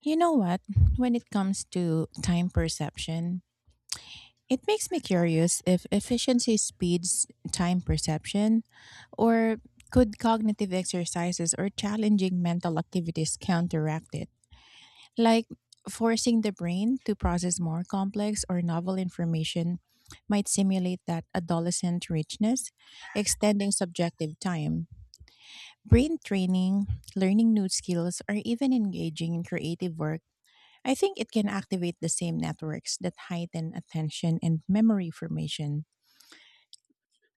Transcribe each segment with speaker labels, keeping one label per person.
Speaker 1: You know what? When it comes to time perception, it makes me curious if efficiency speeds time perception, or could cognitive exercises or challenging mental activities counteract it? Like forcing the brain to process more complex or novel information might simulate that adolescent richness, extending subjective time. Brain training, learning new skills, or even engaging in creative work, I think it can activate the same networks that heighten attention and memory formation.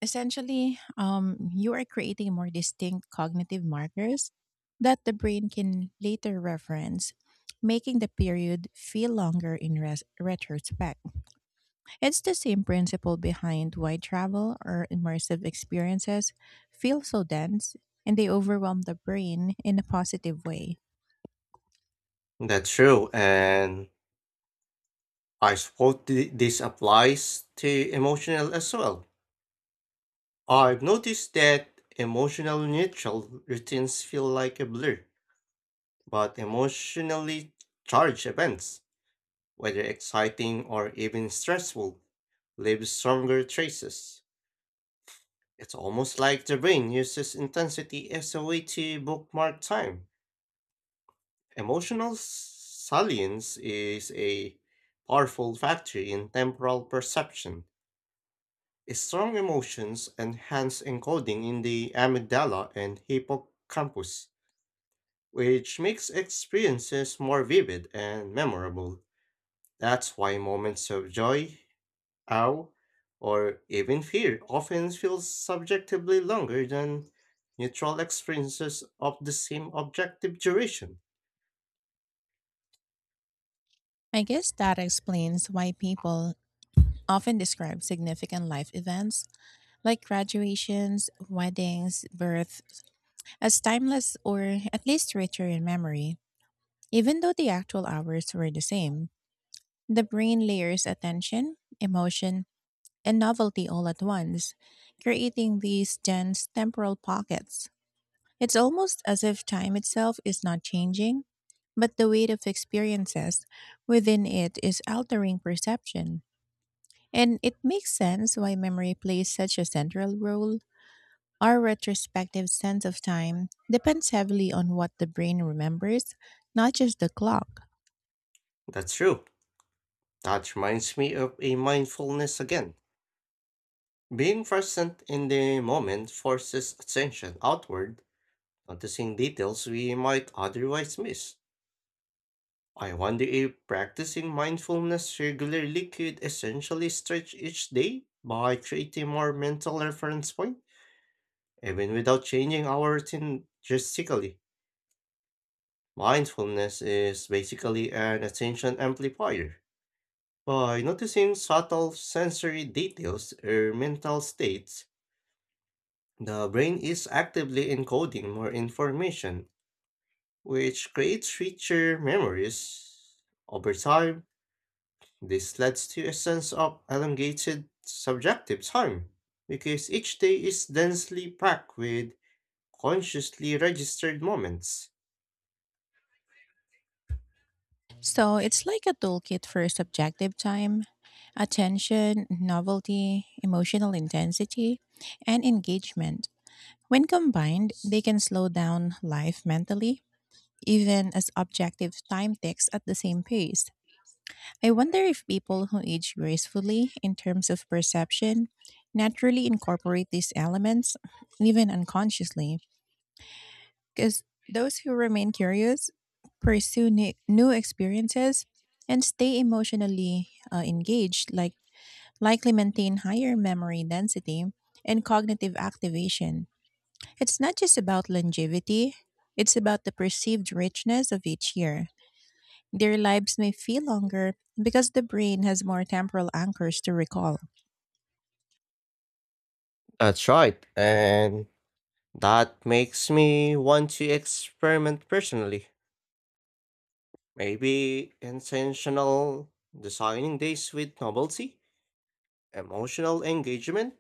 Speaker 1: Essentially, you are creating more distinct cognitive markers that the brain can later reference, making the period feel longer in retrospect. It's the same principle behind why travel or immersive experiences feel so dense and they overwhelm the brain in a positive way.
Speaker 2: That's true, and I suppose this applies to emotional as well. I've noticed that emotional neutral routines feel like a blur, but emotionally charged events, whether exciting or even stressful, leave stronger traces. It's almost like the brain uses intensity as a way to bookmark time. Emotional salience is a powerful factor in temporal perception. Strong emotions enhance encoding in the amygdala and hippocampus, which makes experiences more vivid and memorable. That's why moments of joy, awe, or even fear often feel subjectively longer than neutral experiences of the same objective duration.
Speaker 1: I guess that explains why people often describe significant life events like graduations, weddings, birth as timeless or at least richer in memory, even though the actual hours were the same. The brain layers attention, emotion, and novelty all at once, creating these dense temporal pockets. It's almost as if time itself is not changing, but the weight of experiences within it is altering perception. And it makes sense why memory plays such a central role. Our retrospective sense of time depends heavily on what the brain remembers, not just the clock.
Speaker 2: That's true. That reminds me of a mindfulness again. Being present in the moment forces attention outward, noticing details we might otherwise miss. I wonder if practicing mindfulness regularly could essentially stretch each day by creating more mental reference point, even without changing our routine drastically. Mindfulness is basically an attention amplifier. By noticing subtle sensory details or mental states, the brain is actively encoding more information, which creates richer memories. Over time, this leads to a sense of elongated subjective time, because each day is densely packed with consciously registered moments.
Speaker 1: So it's like a toolkit for subjective time, attention, novelty, emotional intensity, and engagement. When combined, they can slow down life mentally even as objective time ticks at the same pace. I wonder if people who age gracefully in terms of perception naturally incorporate these elements, even unconsciously, because those who remain curious pursue new experiences and stay emotionally engaged, like likely maintain higher memory density and cognitive activation. It's not just about longevity, it's about the perceived richness of each year. Their lives may feel longer because the brain has more temporal anchors to recall.
Speaker 2: That's right, and that makes me want to experiment personally. Maybe intentional designing days with novelty, emotional engagement,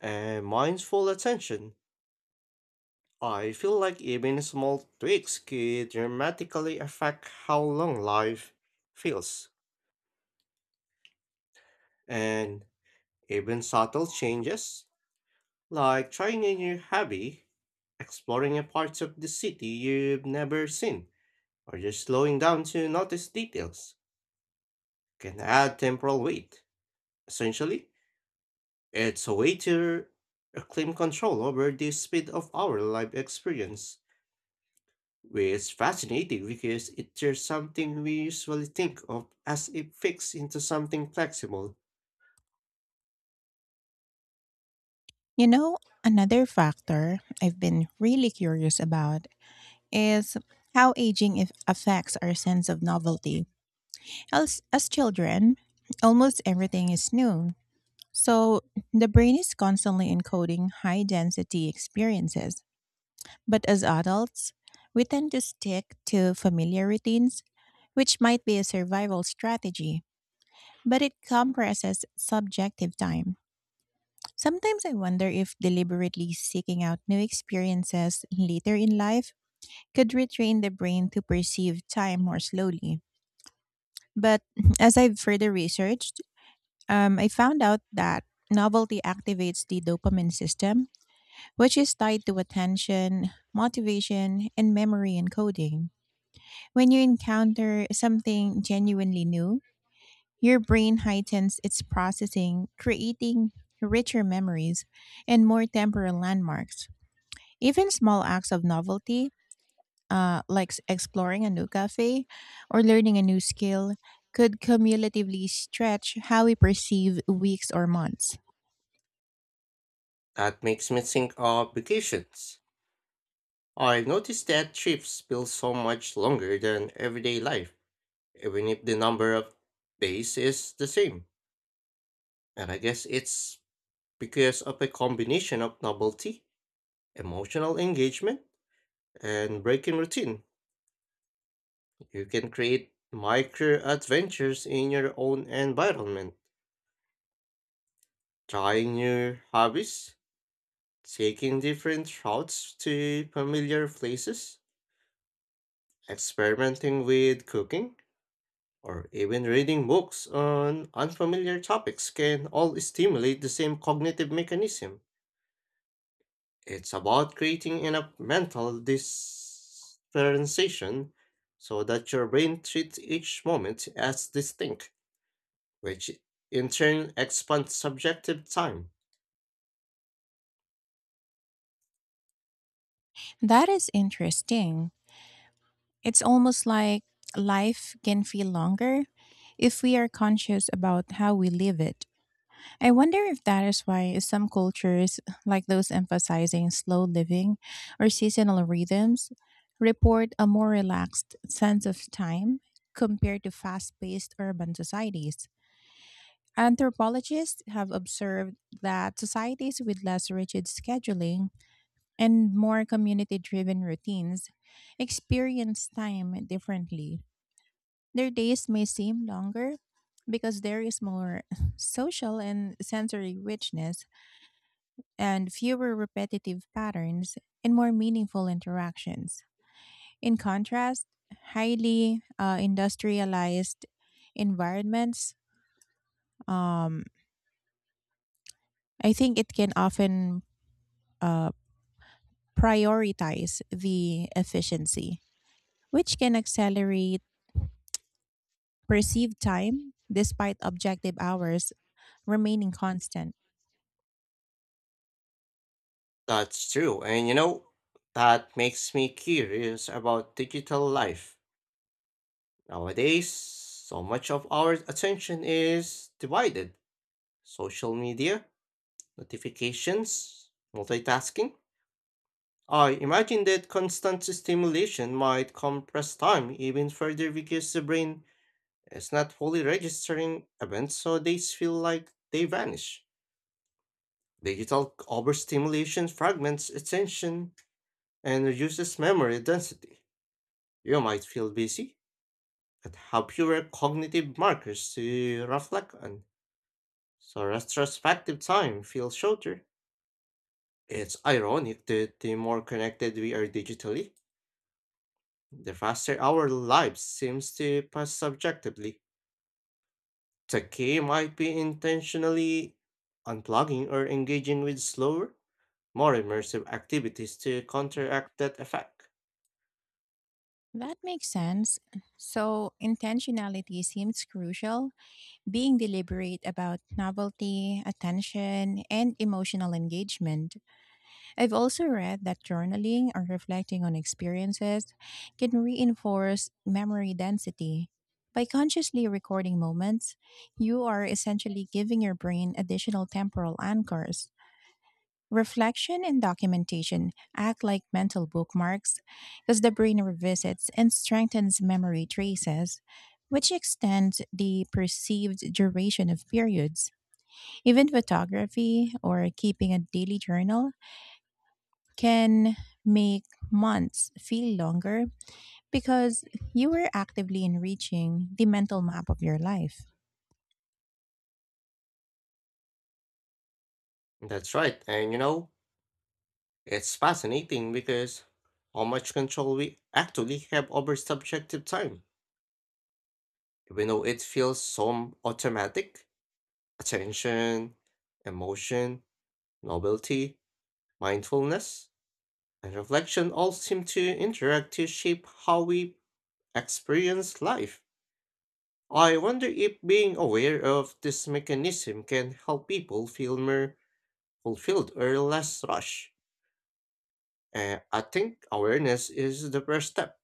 Speaker 2: and mindful attention. I feel like even small tweaks could dramatically affect how long life feels. And even subtle changes, like trying a new hobby, exploring a part of the city you've never seen, or just slowing down to notice details, can add temporal weight. Essentially, it's a way to reclaim control over the speed of our life experience. It's fascinating because it turns something we usually think of as a fix into something flexible.
Speaker 1: You know, another factor I've been really curious about is how aging if affects our sense of novelty. As children, almost everything is new. So the brain is constantly encoding high density experiences. But as adults, we tend to stick to familiar routines, which might be a survival strategy, but it compresses subjective time. Sometimes I wonder if deliberately seeking out new experiences later in life could retrain the brain to perceive time more slowly. But as I've further researched, I found out that novelty activates the dopamine system, which is tied to attention, motivation, and memory encoding. When you encounter something genuinely new, your brain heightens its processing, creating richer memories and more temporal landmarks. Even small acts of novelty, like exploring a new cafe or learning a new skill, could cumulatively stretch how we perceive weeks or months.
Speaker 2: That makes me think of vacations. I noticed that trips feel so much longer than everyday life, even if the number of days is the same. And I guess it's because of a combination of novelty, emotional engagement, and breaking routine. You can create micro adventures in your own environment. Trying new hobbies, taking different routes to familiar places, experimenting with cooking, or even reading books on unfamiliar topics can all stimulate the same cognitive mechanism. It's about creating enough mental differentiation so that your brain treats each moment as distinct, which in turn expands subjective time.
Speaker 1: That is interesting. It's almost like life can feel longer if we are conscious about how we live it. I wonder if that is why some cultures, like those emphasizing slow living or seasonal rhythms, report a more relaxed sense of time compared to fast paced urban societies. Anthropologists have observed that societies with less rigid scheduling and more community driven routines experience time differently. Their days may seem longer because there is more social and sensory richness and fewer repetitive patterns and more meaningful interactions. In contrast, highly industrialized environments, um, I think it can often uh, prioritize the efficiency, which can accelerate perceived time despite objective hours remaining constant.
Speaker 2: That's true, and you know, that makes me curious about digital life. Nowadays, so much of our attention is divided. Social media, notifications, multitasking. I imagine that constant stimulation might compress time even further, because the brain is not fully registering events, so they feel like they vanish. Digital overstimulation fragments attention and reduces memory density. You might feel busy, but have fewer cognitive markers to reflect on, so retrospective time feels shorter. It's ironic that the more connected we are digitally, the faster our lives seems to pass subjectively. The key might be intentionally unplugging or engaging with slower, more immersive activities to counteract that effect.
Speaker 1: That makes sense. So, intentionality seems crucial, being deliberate about novelty, attention, and emotional engagement. I've also read that journaling or reflecting on experiences can reinforce memory density. By consciously recording moments, you are essentially giving your brain additional temporal anchors. Reflection and documentation act like mental bookmarks because the brain revisits and strengthens memory traces, which extends the perceived duration of periods. Even photography or keeping a daily journal can make months feel longer because you were actively enriching the mental map of your life.
Speaker 2: That's right, and you know, it's fascinating because how much control we actually have over subjective time, even though it feels so automatic. Attention, emotion, novelty, mindfulness, and reflection all seem to interact to shape how we experience life. I wonder if being aware of this mechanism can help people feel more fulfilled or less rushed. And I think awareness is the first step.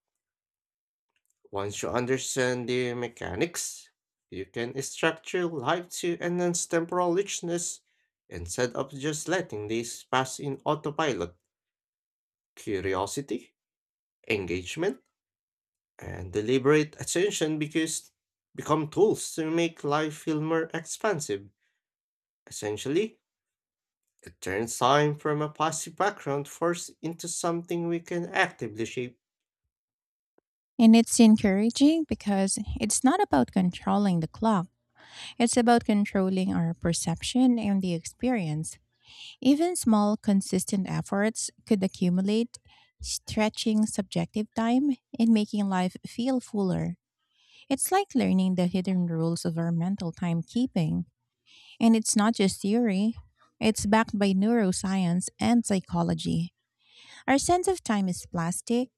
Speaker 2: Once you understand the mechanics, you can structure life to enhance temporal richness instead of just letting these pass in autopilot. Curiosity, engagement, and deliberate attention because become tools to make life feel more expansive. Essentially, it turns time from a passive background force into something we can actively shape.
Speaker 1: And it's encouraging because it's not about controlling the clock. It's about controlling our perception and the experience. Even small, consistent efforts could accumulate, stretching subjective time and making life feel fuller. It's like learning the hidden rules of our mental timekeeping. And it's not just theory, it's backed by neuroscience and psychology. Our sense of time is plastic,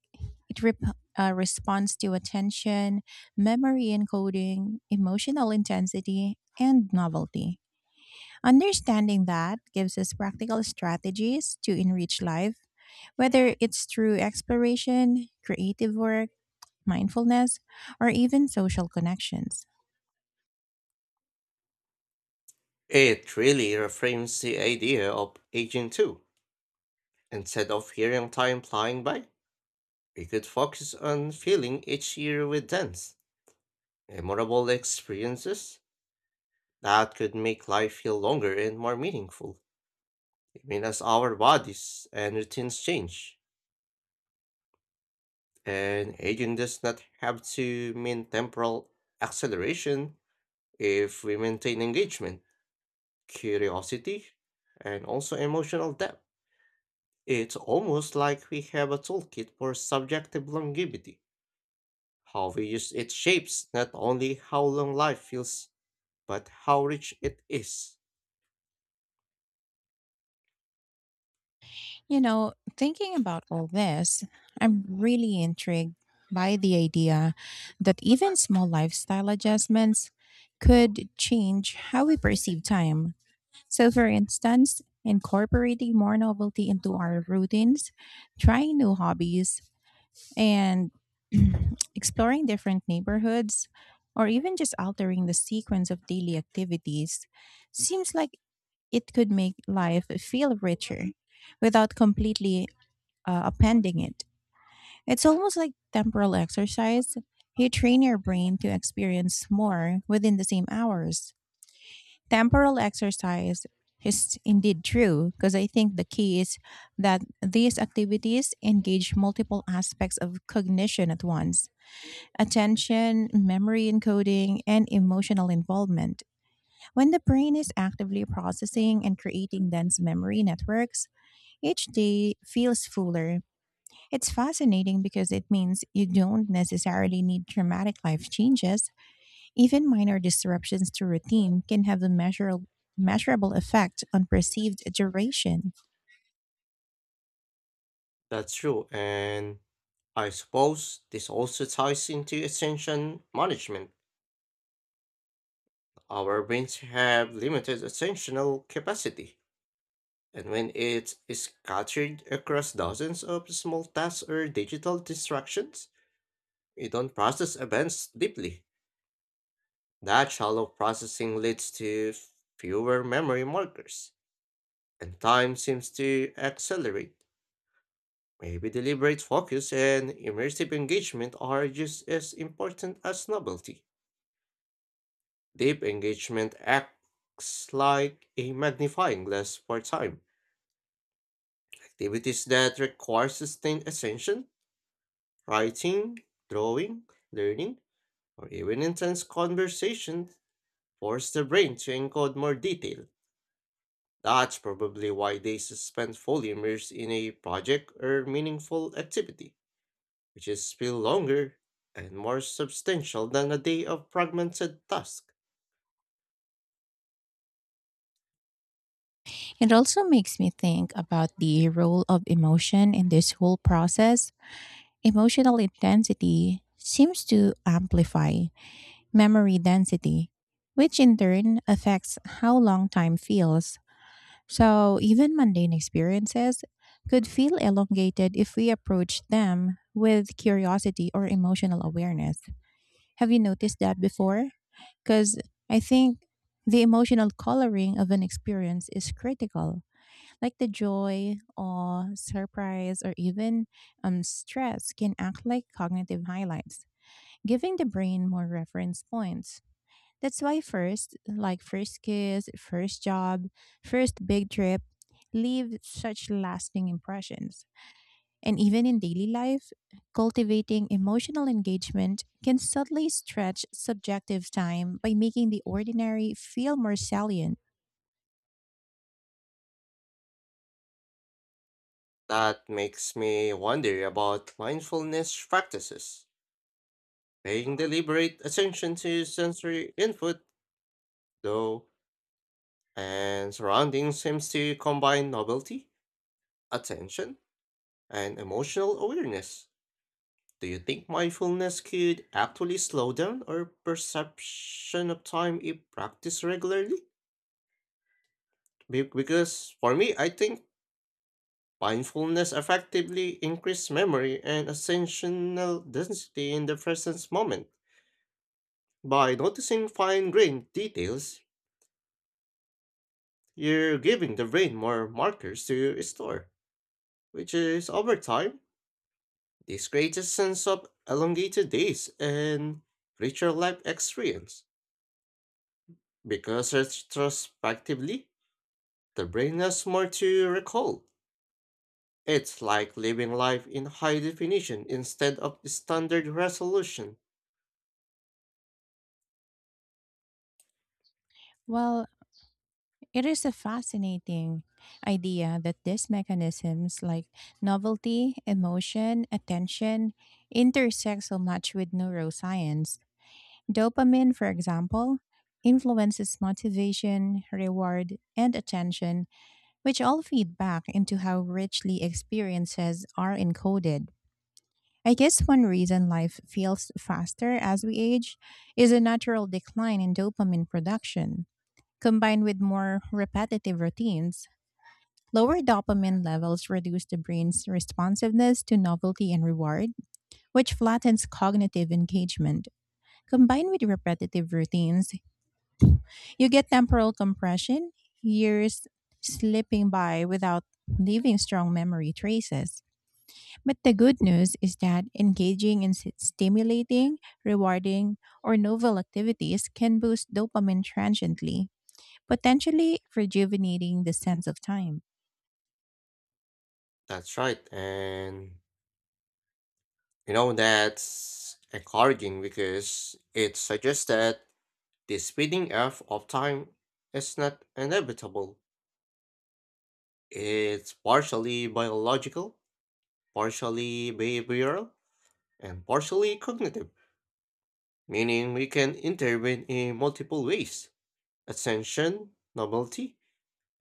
Speaker 1: it responds to attention, memory encoding, emotional intensity, and novelty. Understanding that gives us practical strategies to enrich life, whether it's through exploration, creative work, mindfulness, or even social connections.
Speaker 2: It really reframes the idea of aging too. Instead of hearing time flying by, we could focus on filling each year with dense, memorable experiences that could make life feel longer and more meaningful, even as our bodies and routines change. And aging does not have to mean temporal acceleration if we maintain engagement, curiosity, and also emotional depth. It's almost like we have a toolkit for subjective longevity. How we use it shapes not only how long life feels, but how rich it is.
Speaker 1: You know, thinking about all this, I'm really intrigued by the idea that even small lifestyle adjustments could change how we perceive time. So, for instance, incorporating more novelty into our routines, trying new hobbies, and exploring different neighborhoods or even just altering the sequence of daily activities seems like it could make life feel richer without completely appending it. It's almost like temporal exercise. You train your brain to experience more within the same hours. Temporal exercise is indeed true because I think the key is that these activities engage multiple aspects of cognition at once, attention, memory encoding, and emotional involvement. When the brain is actively processing and creating dense memory networks, each day feels fuller. It's fascinating because it means you don't necessarily need dramatic life changes. Even minor disruptions to routine can have a measurable effect on perceived duration.
Speaker 2: That's true, and I suppose this also ties into attention management. Our brains have limited attentional capacity, and when it is scattered across dozens of small tasks or digital distractions, we don't process events deeply. That shallow processing leads to fewer memory markers, and time seems to accelerate. Maybe deliberate focus and immersive engagement are just as important as novelty. Deep engagement acts like a magnifying glass for time. Activities that require sustained attention, writing, drawing, learning, or even intense conversation, force the brain to encode more detail. That's probably why they suspend fully immersed in a project or meaningful activity, which is still longer and more substantial than a day of fragmented task.
Speaker 1: It also makes me think about the role of emotion in this whole process. Emotional intensity seems to amplify memory density, which in turn affects how long time feels. So, even mundane experiences could feel elongated if we approach them with curiosity or emotional awareness. Have you noticed that before? Because I think the emotional coloring of an experience is critical, like the joy, awe, surprise, or even stress can act like cognitive highlights, giving the brain more reference points. That's why first, like first kiss, first job, first big trip leave such lasting impressions. And even in daily life, cultivating emotional engagement can subtly stretch subjective time by making the ordinary feel more salient.
Speaker 2: That makes me wonder about mindfulness practices. Paying deliberate attention to sensory input, though, and surroundings seems to combine novelty, attention, and emotional awareness. Do you think mindfulness could actually slow down our perception of time if practiced regularly? Because for me, I think mindfulness effectively increases memory and attentional density in the present moment. By noticing fine-grained details, you're giving the brain more markers to store, which is over time, this creates a sense of elongated days and richer life experience. Because retrospectively, the brain has more to recall. It's like living life in high definition instead of standard resolution.
Speaker 1: While it is a fascinating idea that these mechanisms like novelty, emotion, attention intersect so much with neuroscience. Dopamine, for example, influences motivation, reward, and attention, which all feed back into how richly experiences are encoded. I guess one reason life feels faster as we age is a natural decline in dopamine production combined with more repetitive routines. Lower dopamine levels reduce the brain's responsiveness to novelty and reward, which flattens cognitive engagement. Combined with repetitive routines, you get temporal compression, years slipping by without leaving strong memory traces. But the good news is that engaging in stimulating, rewarding, or novel activities can boost dopamine transiently, potentially rejuvenating the sense of time.
Speaker 2: That's right. And you know, that's encouraging because it suggests that the speeding up of time is not inevitable. It's partially biological, partially behavioral, and partially cognitive, meaning we can intervene in multiple ways: attention, novelty,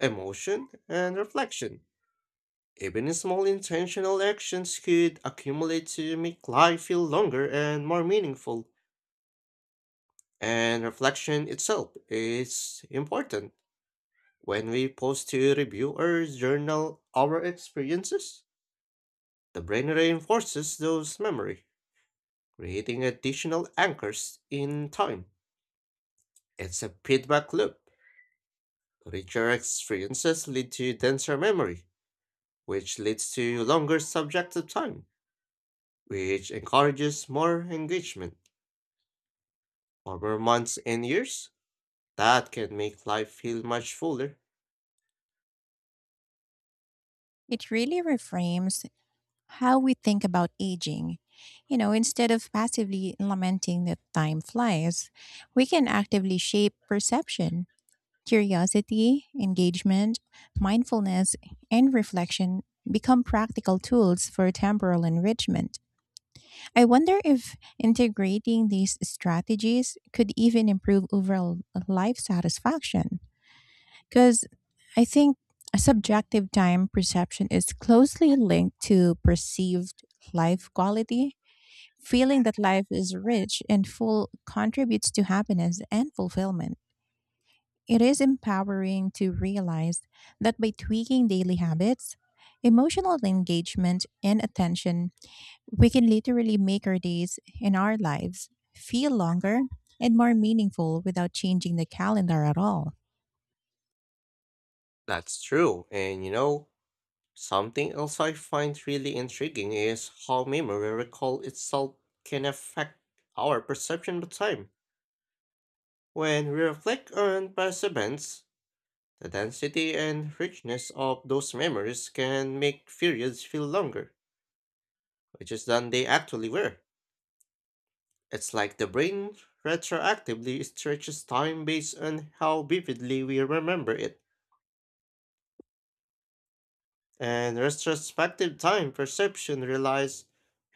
Speaker 2: emotion, and reflection. Even small intentional actions could accumulate to make life feel longer and more meaningful. And reflection itself is important. When we pause to review or journal our experiences, the brain reinforces those memories, creating additional anchors in time. It's a feedback loop. Richer experiences lead to denser memory, which leads to longer subjective time, which encourages more engagement. Over months and years, that can make life feel much fuller.
Speaker 1: It really reframes how we think about aging. You know, instead of passively lamenting that time flies, we can actively shape perception. Curiosity, engagement, mindfulness, and reflection become practical tools for temporal enrichment. I wonder if integrating these strategies could even improve overall life satisfaction. Because I think a subjective time perception is closely linked to perceived life quality. Feeling that life is rich and full contributes to happiness and fulfillment. It is empowering to realize that by tweaking daily habits, emotional engagement, and attention we can literally make our days and our lives feel longer and more meaningful without changing the calendar at all.
Speaker 2: That's true, and you know, something else I find really intriguing is how memory recall itself can affect our perception of time. When we reflect on past events, the density and richness of those memories can make periods feel longer which is than they actually were. It's like the brain retroactively stretches time based on how vividly we remember it. And retrospective time perception relies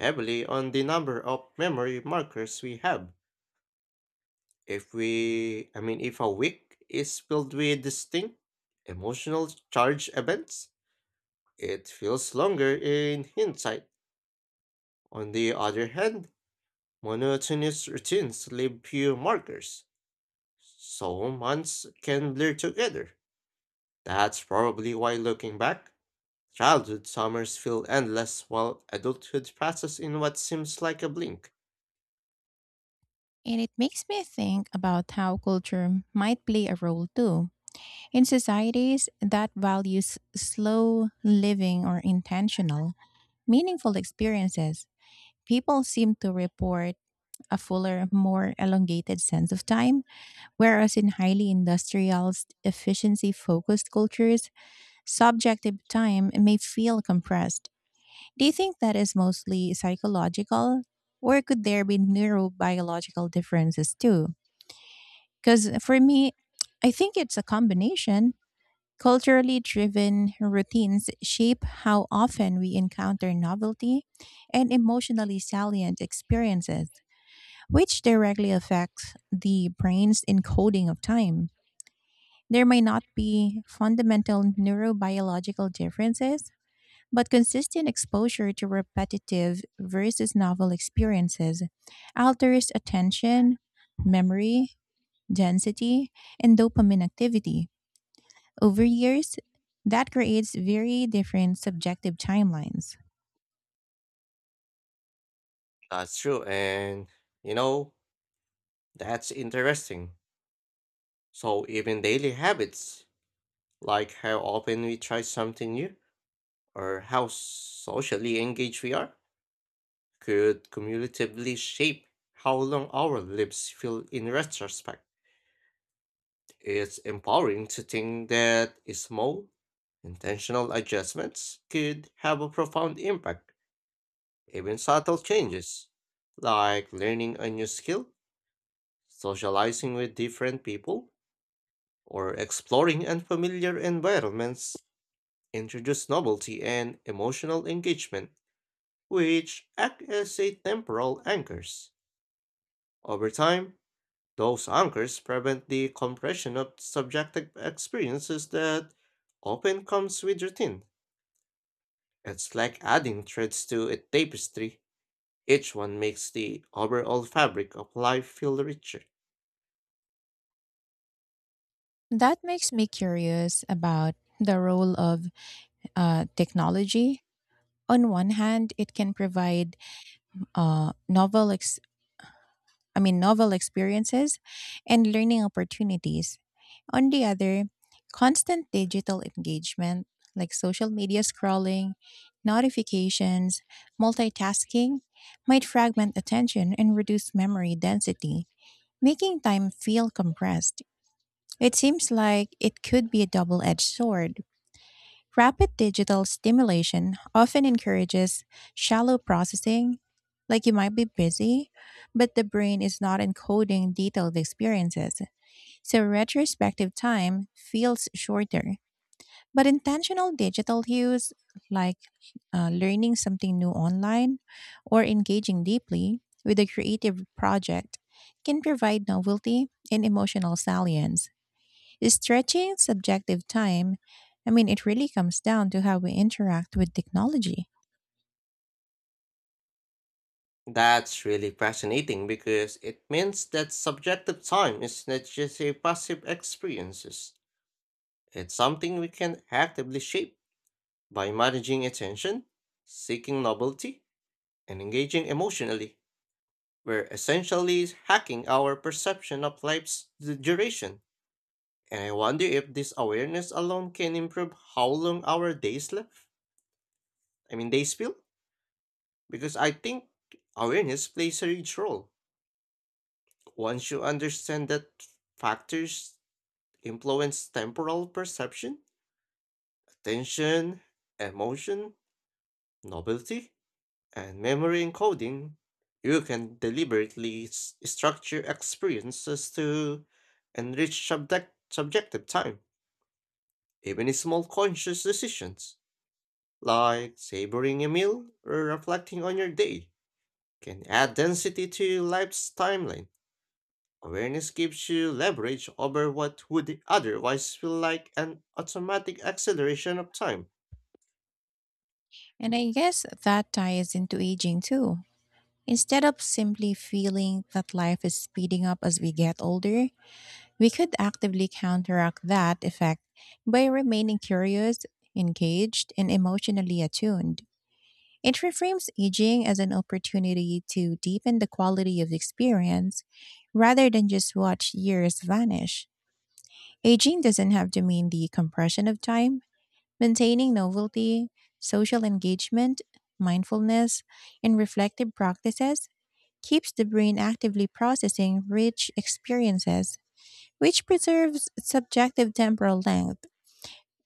Speaker 2: heavily on the number of memory markers we have. If we, I mean, if a week is filled with distinct emotional charge events, it feels longer in hindsight. On the other hand, monotonous routines leave few markers, so months can blur together. That's probably why, looking back, childhood summers feel endless while adulthood passes in what seems like a blink.
Speaker 1: And it makes me think about how culture might play a role too. In societies that values slow living or intentional, meaningful experiences, people seem to report a fuller, more elongated sense of time, whereas in highly industrial, efficiency focused cultures, subjective time may feel compressed. Do you think that is mostly psychological, or could there be neurobiological differences too? Because for me, I think it's a combination. Culturally driven routines shape how often we encounter novelty and emotionally salient experiences, which directly affects the brain's encoding of time. There may not be fundamental neurobiological differences, but consistent exposure to repetitive versus novel experiences alters attention, memory, density, and dopamine activity. Over years, that creates very different subjective timelines.
Speaker 2: That's true, and you know, that's interesting. So, even daily habits, like how often we try something new or how socially engaged we are, could cumulatively shape how long our lives feel in retrospect. It's empowering to think that small, intentional adjustments could have a profound impact. Even subtle changes, like learning a new skill, socializing with different people, or exploring unfamiliar environments, introduce novelty and emotional engagement, which act as a temporal anchors. Over time, those anchors prevent the compression of subjective experiences that often comes with routine. It's like adding threads to a tapestry. Each one makes the overall fabric of life feel richer.
Speaker 1: That makes me curious about the role of technology. On one hand, it can provide novel I mean novel experiences and learning opportunities. On the other, constant digital engagement like social media scrolling, notifications, multitasking might fragment attention and reduce memory density, making time feel compressed. It seems like it could be a double edged sword. Rapid digital stimulation often encourages shallow processing, like you might be busy, but the brain is not encoding detailed experiences, so retrospective time feels shorter. But intentional digital cues, like learning something new online or engaging deeply with a creative project, can provide novelty and emotional salience. Is stretching subjective time. I mean, it really comes down to how we interact with technology.
Speaker 2: That's really fascinating because it means that subjective time is not just a passive experience. It's something we can actively shape by managing attention, seeking novelty, and engaging emotionally. We're essentially hacking our perception of life's duration. And I wonder if this awareness alone can improve how long our days left. I mean, days feel. Because I think awareness plays a huge role. Once you understand that factors influence temporal perception: attention, emotion, novelty, and memory encoding. You can deliberately structure experiences to enrich subjective time. Even small conscious decisions, like savoring a meal or reflecting on your day, can add density to life's timeline. Awareness gives you leverage over what would otherwise feel like an automatic acceleration of time.
Speaker 1: And I guess that ties into aging too. Instead of simply feeling that life is speeding up as we get older, we could actively counteract that effect by remaining curious, engaged, and emotionally attuned. It reframes aging as an opportunity to deepen the quality of experience rather than just watch years vanish. Aging doesn't have to mean the compression of time. Maintaining novelty, social engagement, mindfulness, and reflective practices keeps the brain actively processing rich experiences, which preserves subjective temporal length.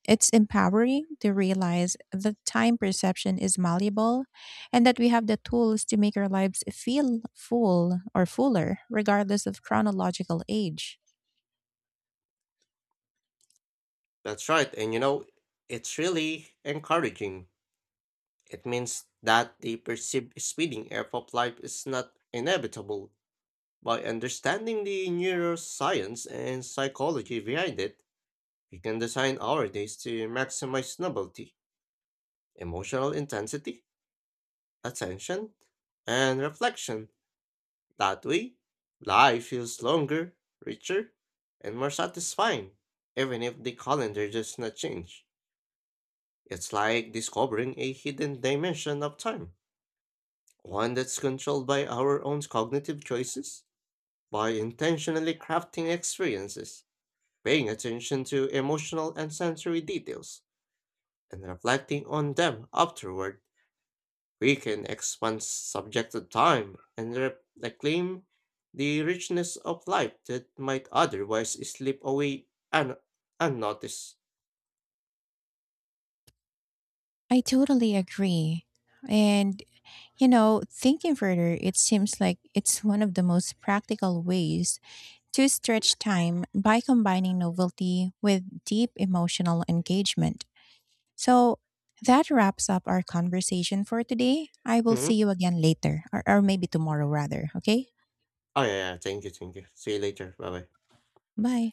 Speaker 1: It's empowering to realize that time perception is malleable and that we have the tools to make our lives feel full or fuller, regardless of chronological age.
Speaker 2: That's right, and you know, it's really encouraging. It means that the perceived speeding up of life is not inevitable. By understanding the neuroscience and psychology behind it, we can design our days to maximize novelty, emotional intensity, attention, and reflection. That way, life feels longer, richer, and more satisfying, even if the calendar does not change. It's like discovering a hidden dimension of time, one that's controlled by our own cognitive choices. By intentionally crafting experiences, paying attention to emotional and sensory details, and reflecting on them afterward, we can expand subjective time and reclaim the richness of life that might otherwise slip away un- unnoticed.
Speaker 1: I totally agree. And you know, thinking further, it seems like it's one of the most practical ways to stretch time by combining novelty with deep emotional engagement. So that wraps up our conversation for today. I will
Speaker 2: Mhm.
Speaker 1: see you again later, or maybe tomorrow rather. Okay?
Speaker 2: Oh, yeah, yeah, thank you, thank you. See you later. Bye bye.
Speaker 1: Bye.